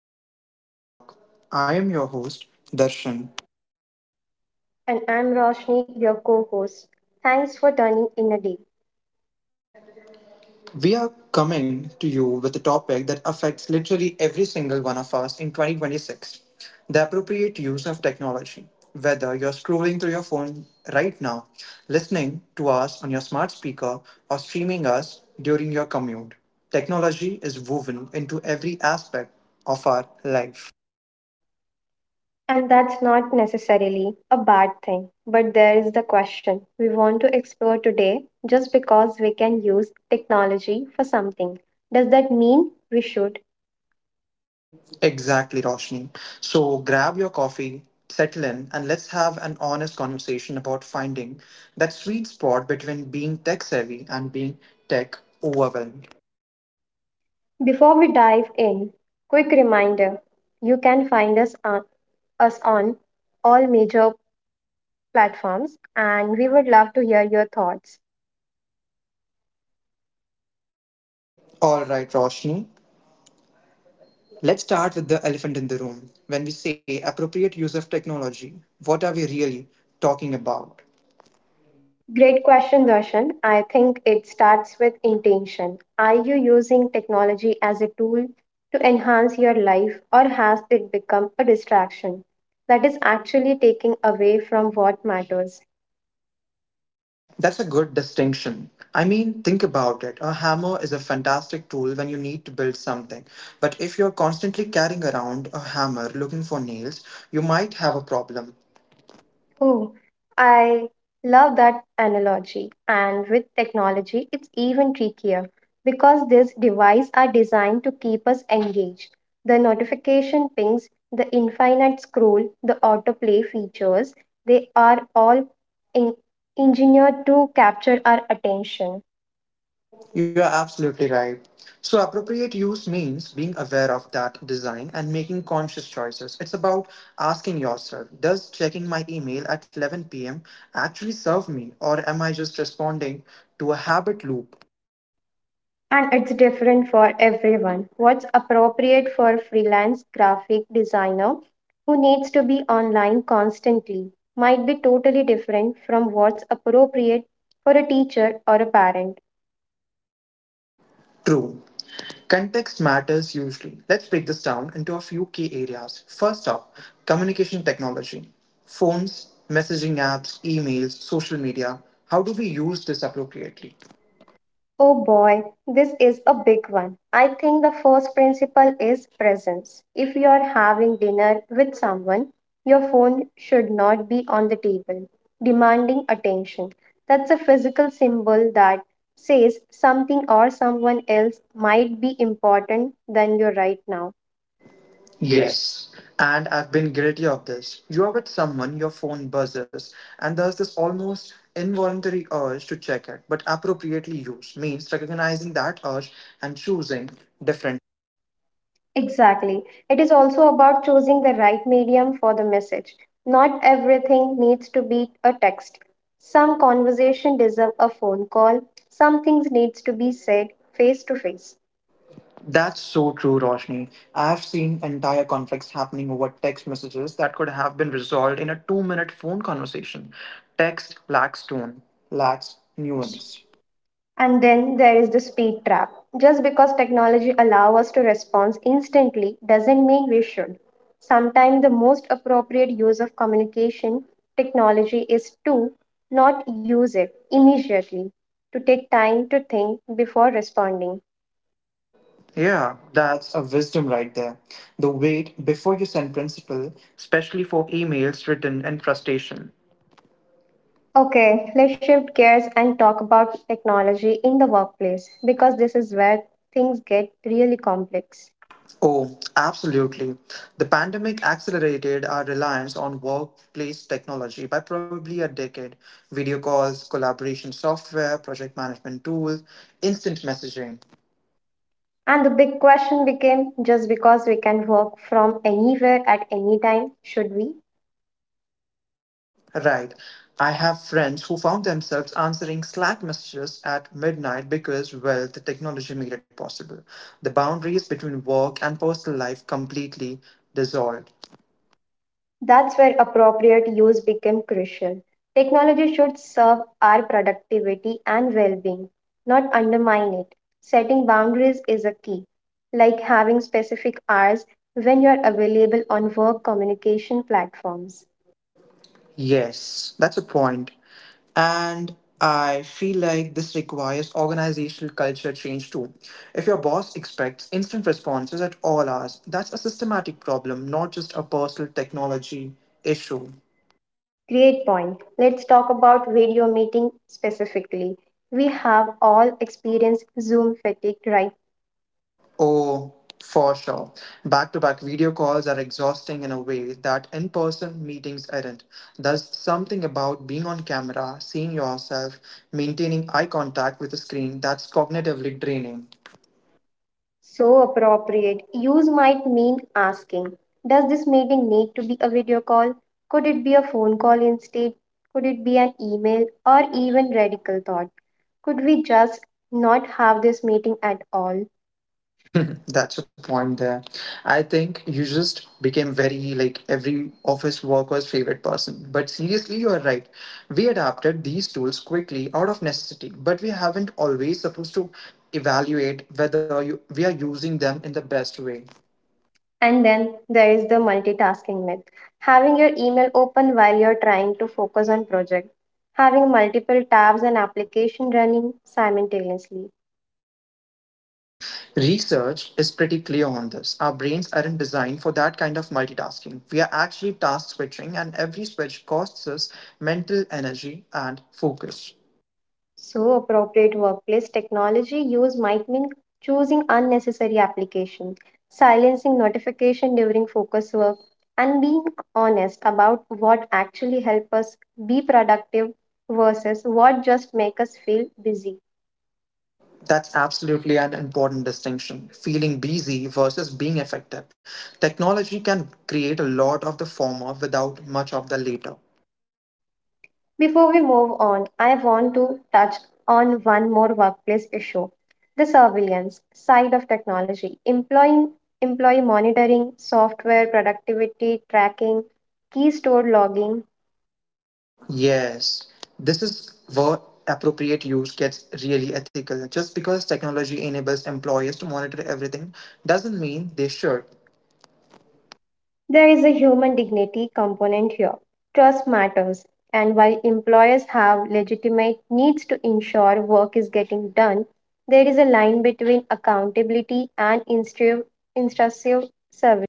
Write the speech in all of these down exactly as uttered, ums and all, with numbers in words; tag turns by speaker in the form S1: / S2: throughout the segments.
S1: welcome to Tech Talk. I am your host, Darshan.
S2: And I'm Roshni, your co host. Thanks for turning in a day.
S1: We are coming to you with a topic that affects literally every single one of us in twenty twenty-six, the appropriate use of technology. Whether you're scrolling through your phone right now, listening to us on your smart speaker, or streaming us during your commute, technology is woven into every aspect of our life.
S2: And that's not necessarily a bad thing, but there is the question we want to explore today, just because we can use technology for something. Does that mean we should?
S1: Exactly, Roshni. So grab your coffee, settle in, and let's have an honest conversation about finding that sweet spot between being tech savvy and being tech overwhelmed.
S2: Before we dive in, quick reminder, you can find us on, us on all major platforms, and we would love to hear your thoughts.
S1: All right, Roshni, let's start with the elephant in the room. When we say appropriate use of technology, what are we really talking about?
S2: Great question, Darshan. I think it starts with intention. Are you using technology as a tool to enhance your life, or has it become a distraction that is actually taking away from what matters?
S1: That's a good distinction. I mean, think about it. A hammer is a fantastic tool when you need to build something. But if you're constantly carrying around a hammer looking for nails, you might have a problem.
S2: Oh, I love that analogy. And with technology, it's even trickier because these devices are designed to keep us engaged. The notification pings, the infinite scroll, the autoplay features, they are all en- engineered to capture our attention.
S1: You are absolutely right. So, appropriate use means being aware of that design and making conscious choices. It's about asking yourself, does checking my email at eleven p m actually serve me, or am I just responding to a habit loop?
S2: And it's different for everyone. What's appropriate for a freelance graphic designer who needs to be online constantly might be totally different from what's appropriate for a teacher or a parent.
S1: True. Context matters hugely. Let's break this down into a few key areas. First up, communication technology. Phones, messaging apps, emails, social media. How do we use this appropriately?
S2: Oh boy, this is a big one. I think the first principle is presence. If you are having dinner with someone, your phone should not be on the table, demanding attention. That's a physical symbol that says something or someone else might be important than you right now. Yes.
S1: Yes, and I've been guilty of this. You're with someone, your phone buzzes, and there's this almost involuntary urge to check it, but appropriately used means recognizing that urge and choosing different.
S2: Exactly. It is also about choosing the right medium for the message. Not everything needs to be a text. Some conversation deserve a phone call. Some things needs to be said face to face.
S1: That's so true, Roshni. I've seen entire conflicts happening over text messages that could have been resolved in a two minute phone conversation. Text lacks tone, lacks
S2: Once.
S1: nuance.
S2: And then there is the speed trap. Just because technology allows us to respond instantly doesn't mean we should. Sometimes the most appropriate use of communication technology is to not use it immediately, to take time to think before responding.
S1: Yeah, that's a wisdom right there. The wait before you send principle, especially for emails written in frustration.
S2: Okay, let's shift gears and talk about technology in the workplace because this is where things get really complex.
S1: Oh, absolutely. The pandemic accelerated our reliance on workplace technology by probably a decade. Video calls, collaboration software, project management tools, instant messaging.
S2: And the big question became, just because we can work from anywhere at any time, should we?
S1: Right. I have friends who found themselves answering Slack messages at midnight because, well, the technology made it possible. The boundaries between work and personal life completely dissolved.
S2: That's where appropriate use became crucial. Technology should serve our productivity and well being, not undermine it. Setting boundaries is a key, like having specific hours when you are available on work communication platforms.
S1: Yes, that's a point. And I feel like this requires organizational culture change too. If your boss expects instant responses at all hours, that's a systematic problem, not just a personal technology issue.
S2: Great point. Let's talk about video meeting specifically. We have all experienced Zoom fatigue, right?
S1: Oh, for sure. Back to back video calls are exhausting in a way that in person meetings aren't. There's something about being on camera, seeing yourself, maintaining eye contact with a screen that's cognitively draining.
S2: So appropriate. Use might mean asking. Does this meeting need to be a video call? Could it be a phone call instead? Could it be an email, or even radical thought, could we just not have this meeting at all?
S1: That's a point there. I think you just became very like every office worker's favorite person. But seriously, you are right. We adapted these tools quickly out of necessity, but we haven't always supposed to evaluate whether you, we are using them in the best way.
S2: And then there is the multitasking myth. Having your email open while you're trying to focus on project. Having multiple tabs and application running simultaneously.
S1: True. Research is pretty clear on this. Our brains aren't designed for that kind of multitasking. We are actually task switching, and every switch costs us mental energy and focus.
S2: So, appropriate workplace technology use might mean choosing unnecessary applications, silencing notification during focus work, and being honest about what actually help us be productive versus what just make us feel busy.
S1: That's absolutely an important distinction. Feeling busy versus being effective. Technology can create a lot of the former without much of the later.
S2: Before we move on, I want to touch on one more workplace issue. The surveillance side of technology, employing employee monitoring, software productivity tracking, key store logging.
S1: Yes, this is where appropriate use gets really ethical. Just because technology enables employers to monitor everything doesn't mean they should.
S2: There is a human dignity component here. Trust matters, and while employers have legitimate needs to ensure work is getting done, there is a line between accountability and instru- intrusive service.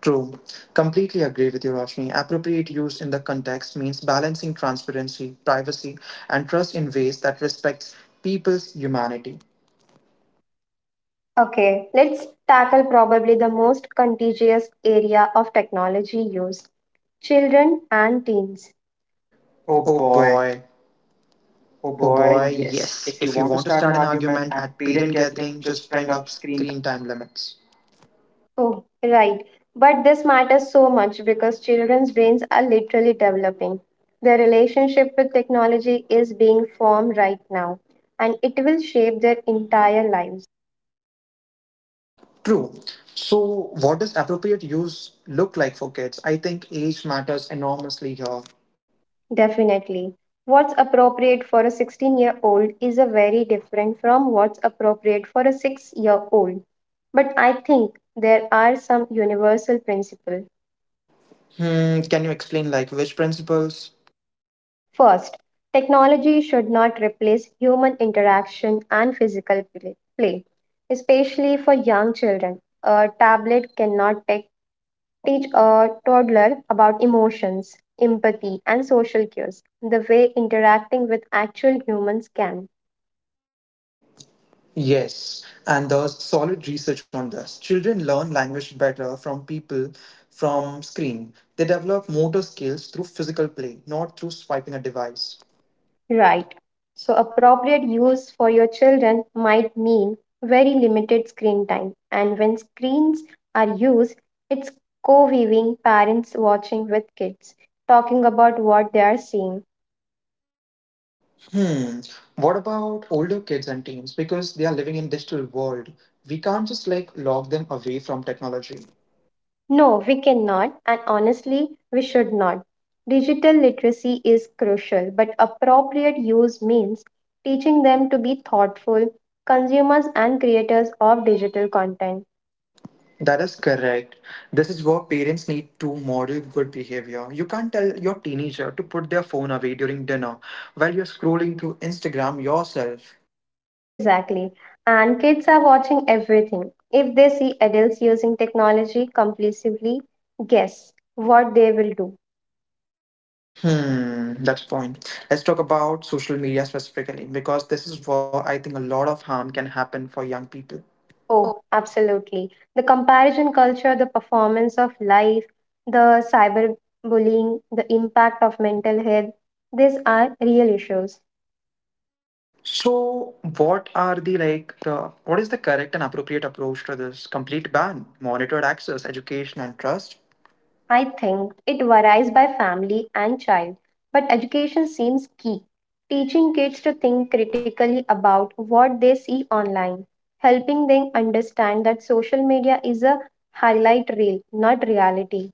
S1: True. Completely agree with you, Roshni. Appropriate use in the context means balancing transparency, privacy, and trust in ways that respects people's humanity.
S2: Okay, let's tackle probably the most contagious area of technology use, children and teens. Oh
S1: Oh
S2: boy,
S1: boy.
S2: oh
S1: Oh
S2: boy,
S1: boy,
S2: yes.
S1: yes.
S2: If
S1: If
S2: you
S1: you
S2: want to
S1: want to
S2: start
S1: start
S2: an
S1: an
S2: argument
S1: argument
S2: at
S1: at
S2: parent
S1: parent
S2: gathering,
S1: gathering,
S2: just
S1: just
S2: bring
S1: bring
S2: up
S1: up
S2: screen.
S1: screen time limits.
S2: Oh, right. But this matters so much because children's brains are literally developing. Their relationship with technology is being formed right now, and it will shape their entire lives.
S1: True. So, what does appropriate use look like for kids? I think age matters enormously here.
S2: Definitely. What's appropriate for a sixteen year old is a very different from what's appropriate for a six year old. But I think there are some universal principles.
S1: Hmm, can you explain like which principles?
S2: First, technology should not replace human interaction and physical pl- play, especially for young children. A tablet cannot te- teach a toddler about emotions, empathy, and social cues the way interacting with actual humans can.
S1: Yes, and there's solid research on this. Children learn language better from people from screen. They develop motor skills through physical play, not through swiping a device.
S2: Right. So, appropriate use for your children might mean very limited screen time. And when screens are used, it's co viewing, parents watching with kids, talking about what they are seeing.
S1: Hmm. What about older kids and teens? Because they are living in digital world. We can't just like lock them away from technology.
S2: No, we cannot, and honestly, we should not. Digital literacy is crucial, but appropriate use means teaching them to be thoughtful consumers and creators of digital content.
S1: That is correct. This is where parents need to model good behavior. You can't tell your teenager to put their phone away during dinner while you're scrolling through Instagram yourself.
S2: Exactly. And kids are watching everything. If they see adults using technology compulsively, guess what they will do.
S1: Hmm, that's the point. Let's talk about social media specifically because this is where I think a lot of harm can happen for young people.
S2: Oh, absolutely. The comparison culture, the performance of life, the cyberbullying, the impact of mental health, these are real issues.
S1: So, what are the like the what is the correct and appropriate approach to this complete ban, monitored access, education, and trust?
S2: I think it varies by family and child, but education seems key. Teaching kids to think critically about what they see online, helping them understand that social media is a highlight reel, not reality.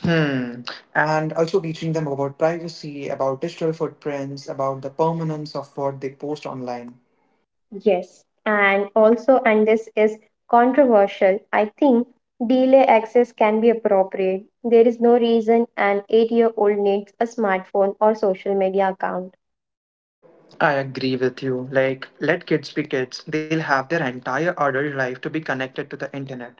S1: Hmm. And also teaching them about privacy, about digital footprints, about the permanence of what they post online.
S2: Yes, and also, and this is controversial, I think delay access can be appropriate. There is no reason an eight year old needs a smartphone or social media account.
S1: I agree with you. Like, let kids be kids. They'll have their entire adult life to be connected to the internet.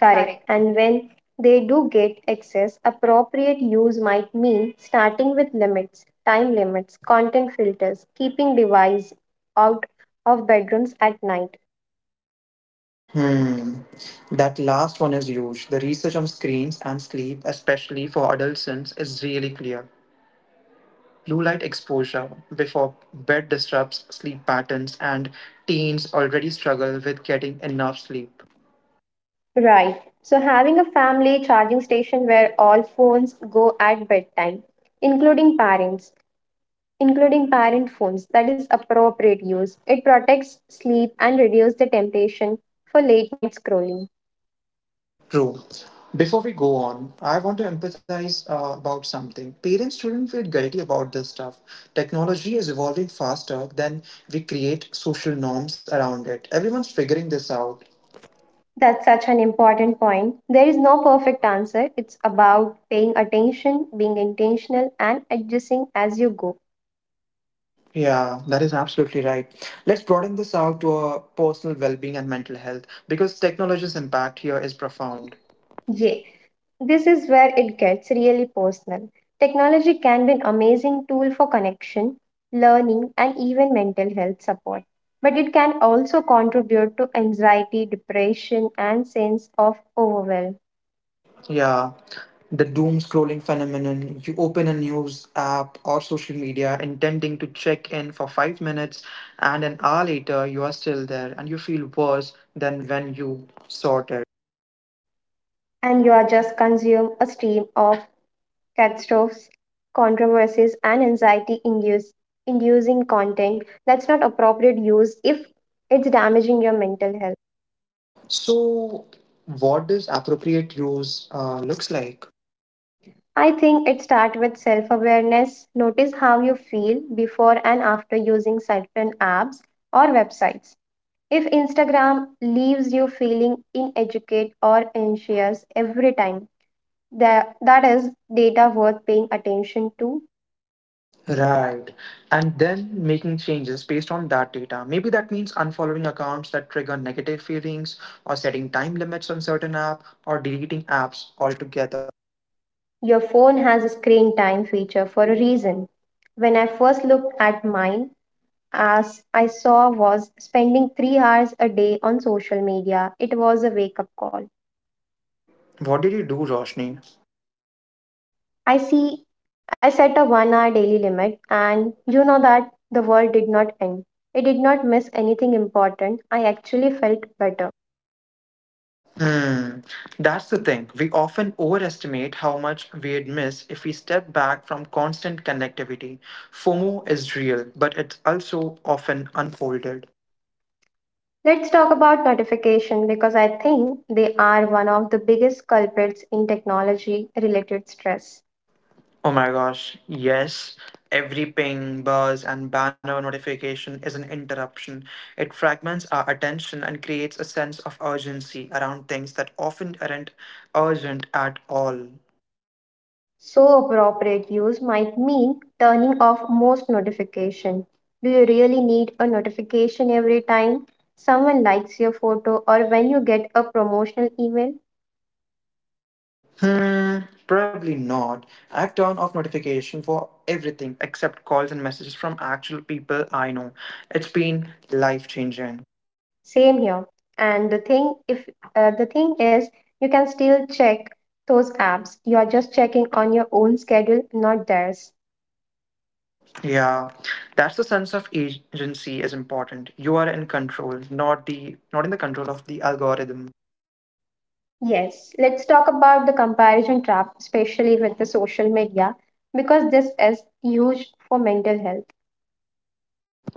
S1: Correct.
S2: And when they do get access, appropriate use might mean starting with limits, time limits, content filters, keeping device out of bedrooms at night.
S1: Hmm. That last one is huge. The research on screens and sleep, especially for adolescents, is really clear. Blue light exposure before bed disrupts sleep patterns, and teens already struggle with getting enough sleep.
S2: Right. So having a family charging station where all phones go at bedtime, including parents, including parent phones, that is appropriate use. It protects sleep and reduces the temptation for late night scrolling.
S1: True. Before we go on, I want to empathize uh, about something. Parents shouldn't feel guilty about this stuff. Technology is evolving faster than we create social norms around it. Everyone's figuring this out.
S2: That's such an important point. There is no perfect answer. It's about paying attention, being intentional, and adjusting as you go.
S1: Yeah, that is absolutely right. Let's broaden this out to uh, personal well being and mental health because technology's impact here is profound.
S2: Yeah,
S1: Yeah.
S2: this is where it gets really personal. Technology can be an amazing tool for connection, learning, and even mental health support. But it can also contribute to anxiety, depression, and sense of overwhelm.
S1: Yeah, the doom scrolling phenomenon. You open a news app or social media intending to check in for five minutes, and an hour later, you are still there and you feel worse than when you sought it.
S2: And you are just consume a stream of catastrophes, controversies, and anxiety induce, inducing content that's not appropriate use if it's damaging your mental health.
S1: So, what does appropriate use uh, looks like?
S2: I think it starts with self awareness. Notice how you feel before and after using certain apps or websites. If Instagram leaves you feeling inadequate or anxious every time, that, that is data worth paying attention to.
S1: Right. And then making changes based on that data. Maybe that means unfollowing accounts that trigger negative feelings, or setting time limits on certain app, or deleting apps altogether.
S2: Your phone has a screen time feature for a reason. When I first looked at mine, as I saw was spending three hours a day on social media, it was a wake up call.
S1: What did you do, Roshni?
S2: I see I set a one hour daily limit, and you know that the world did not end. It did not miss anything important. I actually felt better.
S1: Hmm, that's the thing. We often overestimate how much we'd miss if we step back from constant connectivity. FOMO is real, but it's also often unfolded.
S2: Let's talk about notification because I think they are one of the biggest culprits in technology related stress.
S1: Oh my gosh, yes. Every ping, buzz, and banner notification is an interruption. It fragments our attention and creates a sense of urgency around things that often aren't urgent at all.
S2: So appropriate use might mean turning off most notification. Do you really need a notification every time someone likes your photo or when you get a promotional email?
S1: Hmm, probably not. I've turned off notification for everything except calls and messages from actual people I know. It's been life changing.
S2: Same here. And the thing if uh, the thing is you can still check those apps. You are just checking on your own schedule, not theirs.
S1: Yeah, that's the sense of agency is important. You are in control, not the not in the control of the algorithm.
S2: Yes, let's talk about the comparison trap, especially with the social media, because this is huge for mental health.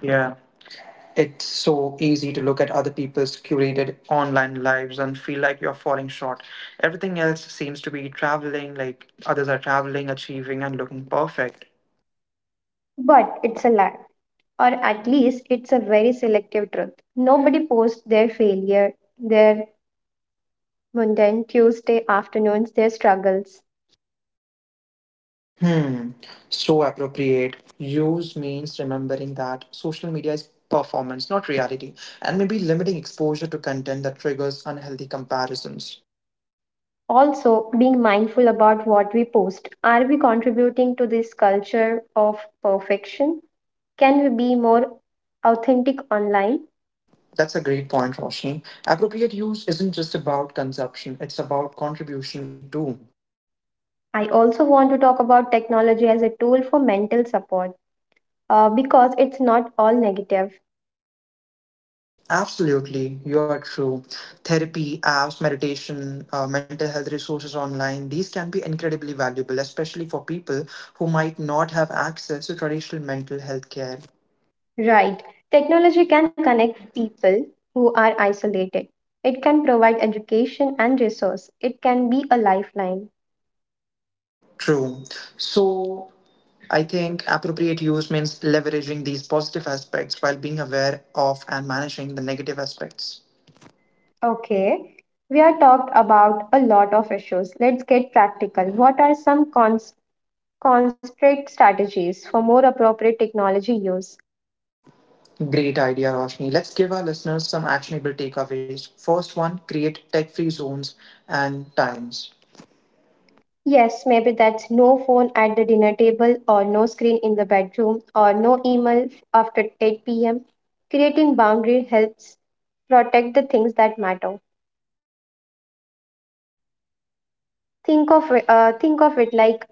S1: Yeah. It's so easy to look at other people's curated online lives and feel like you're falling short. Everything else seems to be traveling, like others are traveling, achieving, and looking perfect.
S2: But it's a lie. Or at least it's a very selective truth. Nobody posts their failure, their mundane Tuesday afternoons, their struggles.
S1: Hmm. So appropriate. Use means remembering that social media is performance, not reality, and maybe limiting exposure to content that triggers unhealthy comparisons.
S2: Also, being mindful about what we post. Are we contributing to this culture of perfection? Can we be more authentic online?
S1: That's a great point, Roshni. Appropriate use isn't just about consumption, it's about contribution too.
S2: I also want to talk about technology as a tool for mental support uh, because it's not all negative.
S1: Absolutely, you are true. Therapy, apps, meditation, uh, mental health resources online, these can be incredibly valuable, especially for people who might not have access to traditional mental health care.
S2: Right. Technology can connect people who are isolated. It can provide education and resource. It can be a lifeline.
S1: True. So I think appropriate use means leveraging these positive aspects while being aware of and managing the negative aspects.
S2: Okay. We are talked about a lot of issues. Let's get practical. What are some cons- concrete strategies for more appropriate technology use?
S1: Great idea, Roshni. Let's give our listeners some actionable takeaways. First one, create tech free zones and times.
S2: Yes, maybe that's no phone at the dinner table, or no screen in the bedroom, or no email after eight p m. Creating boundary helps protect the things that matter. Think of it- uh, think of it like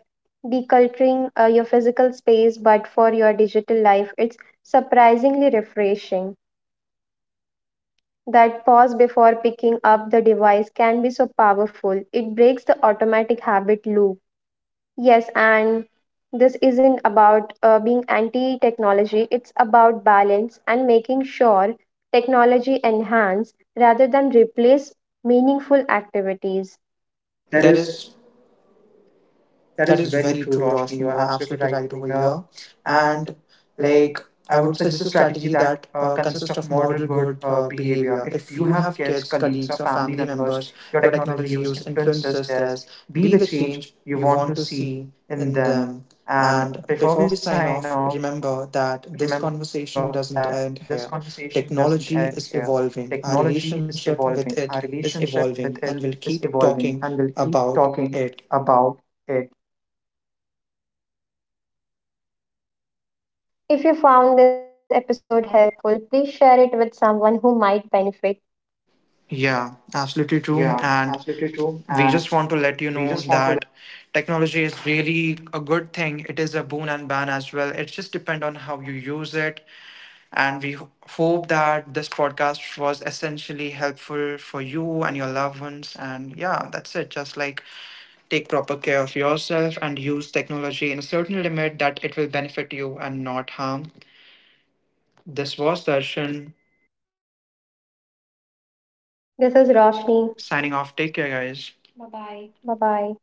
S2: deculturing uh, your physical space, but for your digital life, it's surprisingly refreshing. That pause before picking up the device can be so powerful. It breaks the automatic habit loop. Yes, and this isn't about uh, being anti technology, it's about balance and making sure technology enhance rather than replace meaningful activities. That
S1: There
S2: is
S1: is
S2: That
S1: That
S2: is
S1: is
S2: very
S1: very
S2: true,
S1: true,
S2: Roshni.
S1: Roshni.
S2: You're
S1: You're
S2: absolutely
S1: absolutely
S2: right
S1: right
S2: over
S1: over
S2: here.
S1: here.
S2: And
S1: And
S2: like,
S1: like,
S2: I
S1: I
S2: would
S1: would
S2: suggest a
S1: suggest a
S2: strategy
S1: strategy
S2: that
S1: that
S2: uh,
S1: uh,
S2: consists
S1: consists
S2: of
S1: of
S2: moral
S1: model
S2: good
S1: good
S2: uh,
S1: uh,
S2: behavior.
S1: behavior.
S2: If
S1: If
S2: you
S1: you
S2: have
S1: have
S2: kids,
S1: kids,
S2: colleagues, or
S1: colleagues, or
S2: family
S1: family
S2: members,
S1: members,
S2: your
S1: your
S2: technology
S1: technology
S2: use
S1: use
S2: influences
S1: influences
S2: theirs.
S1: theirs.
S2: Be
S1: Be
S2: the
S1: the change
S2: change
S1: you
S2: you
S1: want
S2: want
S1: to
S2: to
S1: see
S2: see
S1: in
S2: in
S1: them.
S2: them.
S1: And
S2: And
S1: before we
S2: before we
S1: sign
S2: sign
S1: off,
S2: off,
S1: remember
S2: remember
S1: that this
S2: that this
S1: conversation doesn't
S2: conversation
S1: end
S2: doesn't
S1: here.
S2: end here.
S1: Technology is
S2: Technology is
S1: evolving, our
S2: evolving, our
S1: relationship with it
S2: relationship
S1: is
S2: with it
S1: evolving,
S2: is
S1: and we'll keep
S2: evolving, and we'll
S1: talking
S2: keep
S1: about
S2: talking
S1: it.
S2: about it. If you found this episode helpful, please share it with someone who might benefit.
S1: Yeah, absolutely true. And we just want to let you know that technology is really a good thing. It is a boon and ban as well. It just depends on how you use it. And we ho- hope that this podcast was essentially helpful for you and your loved ones. And yeah, that's it. Just like take proper care of yourself and use technology in a certain limit that it will benefit you and not harm. This was Darshan
S2: This is Roshni.
S1: signing off. Take care, guys. Bye bye.
S2: Bye bye.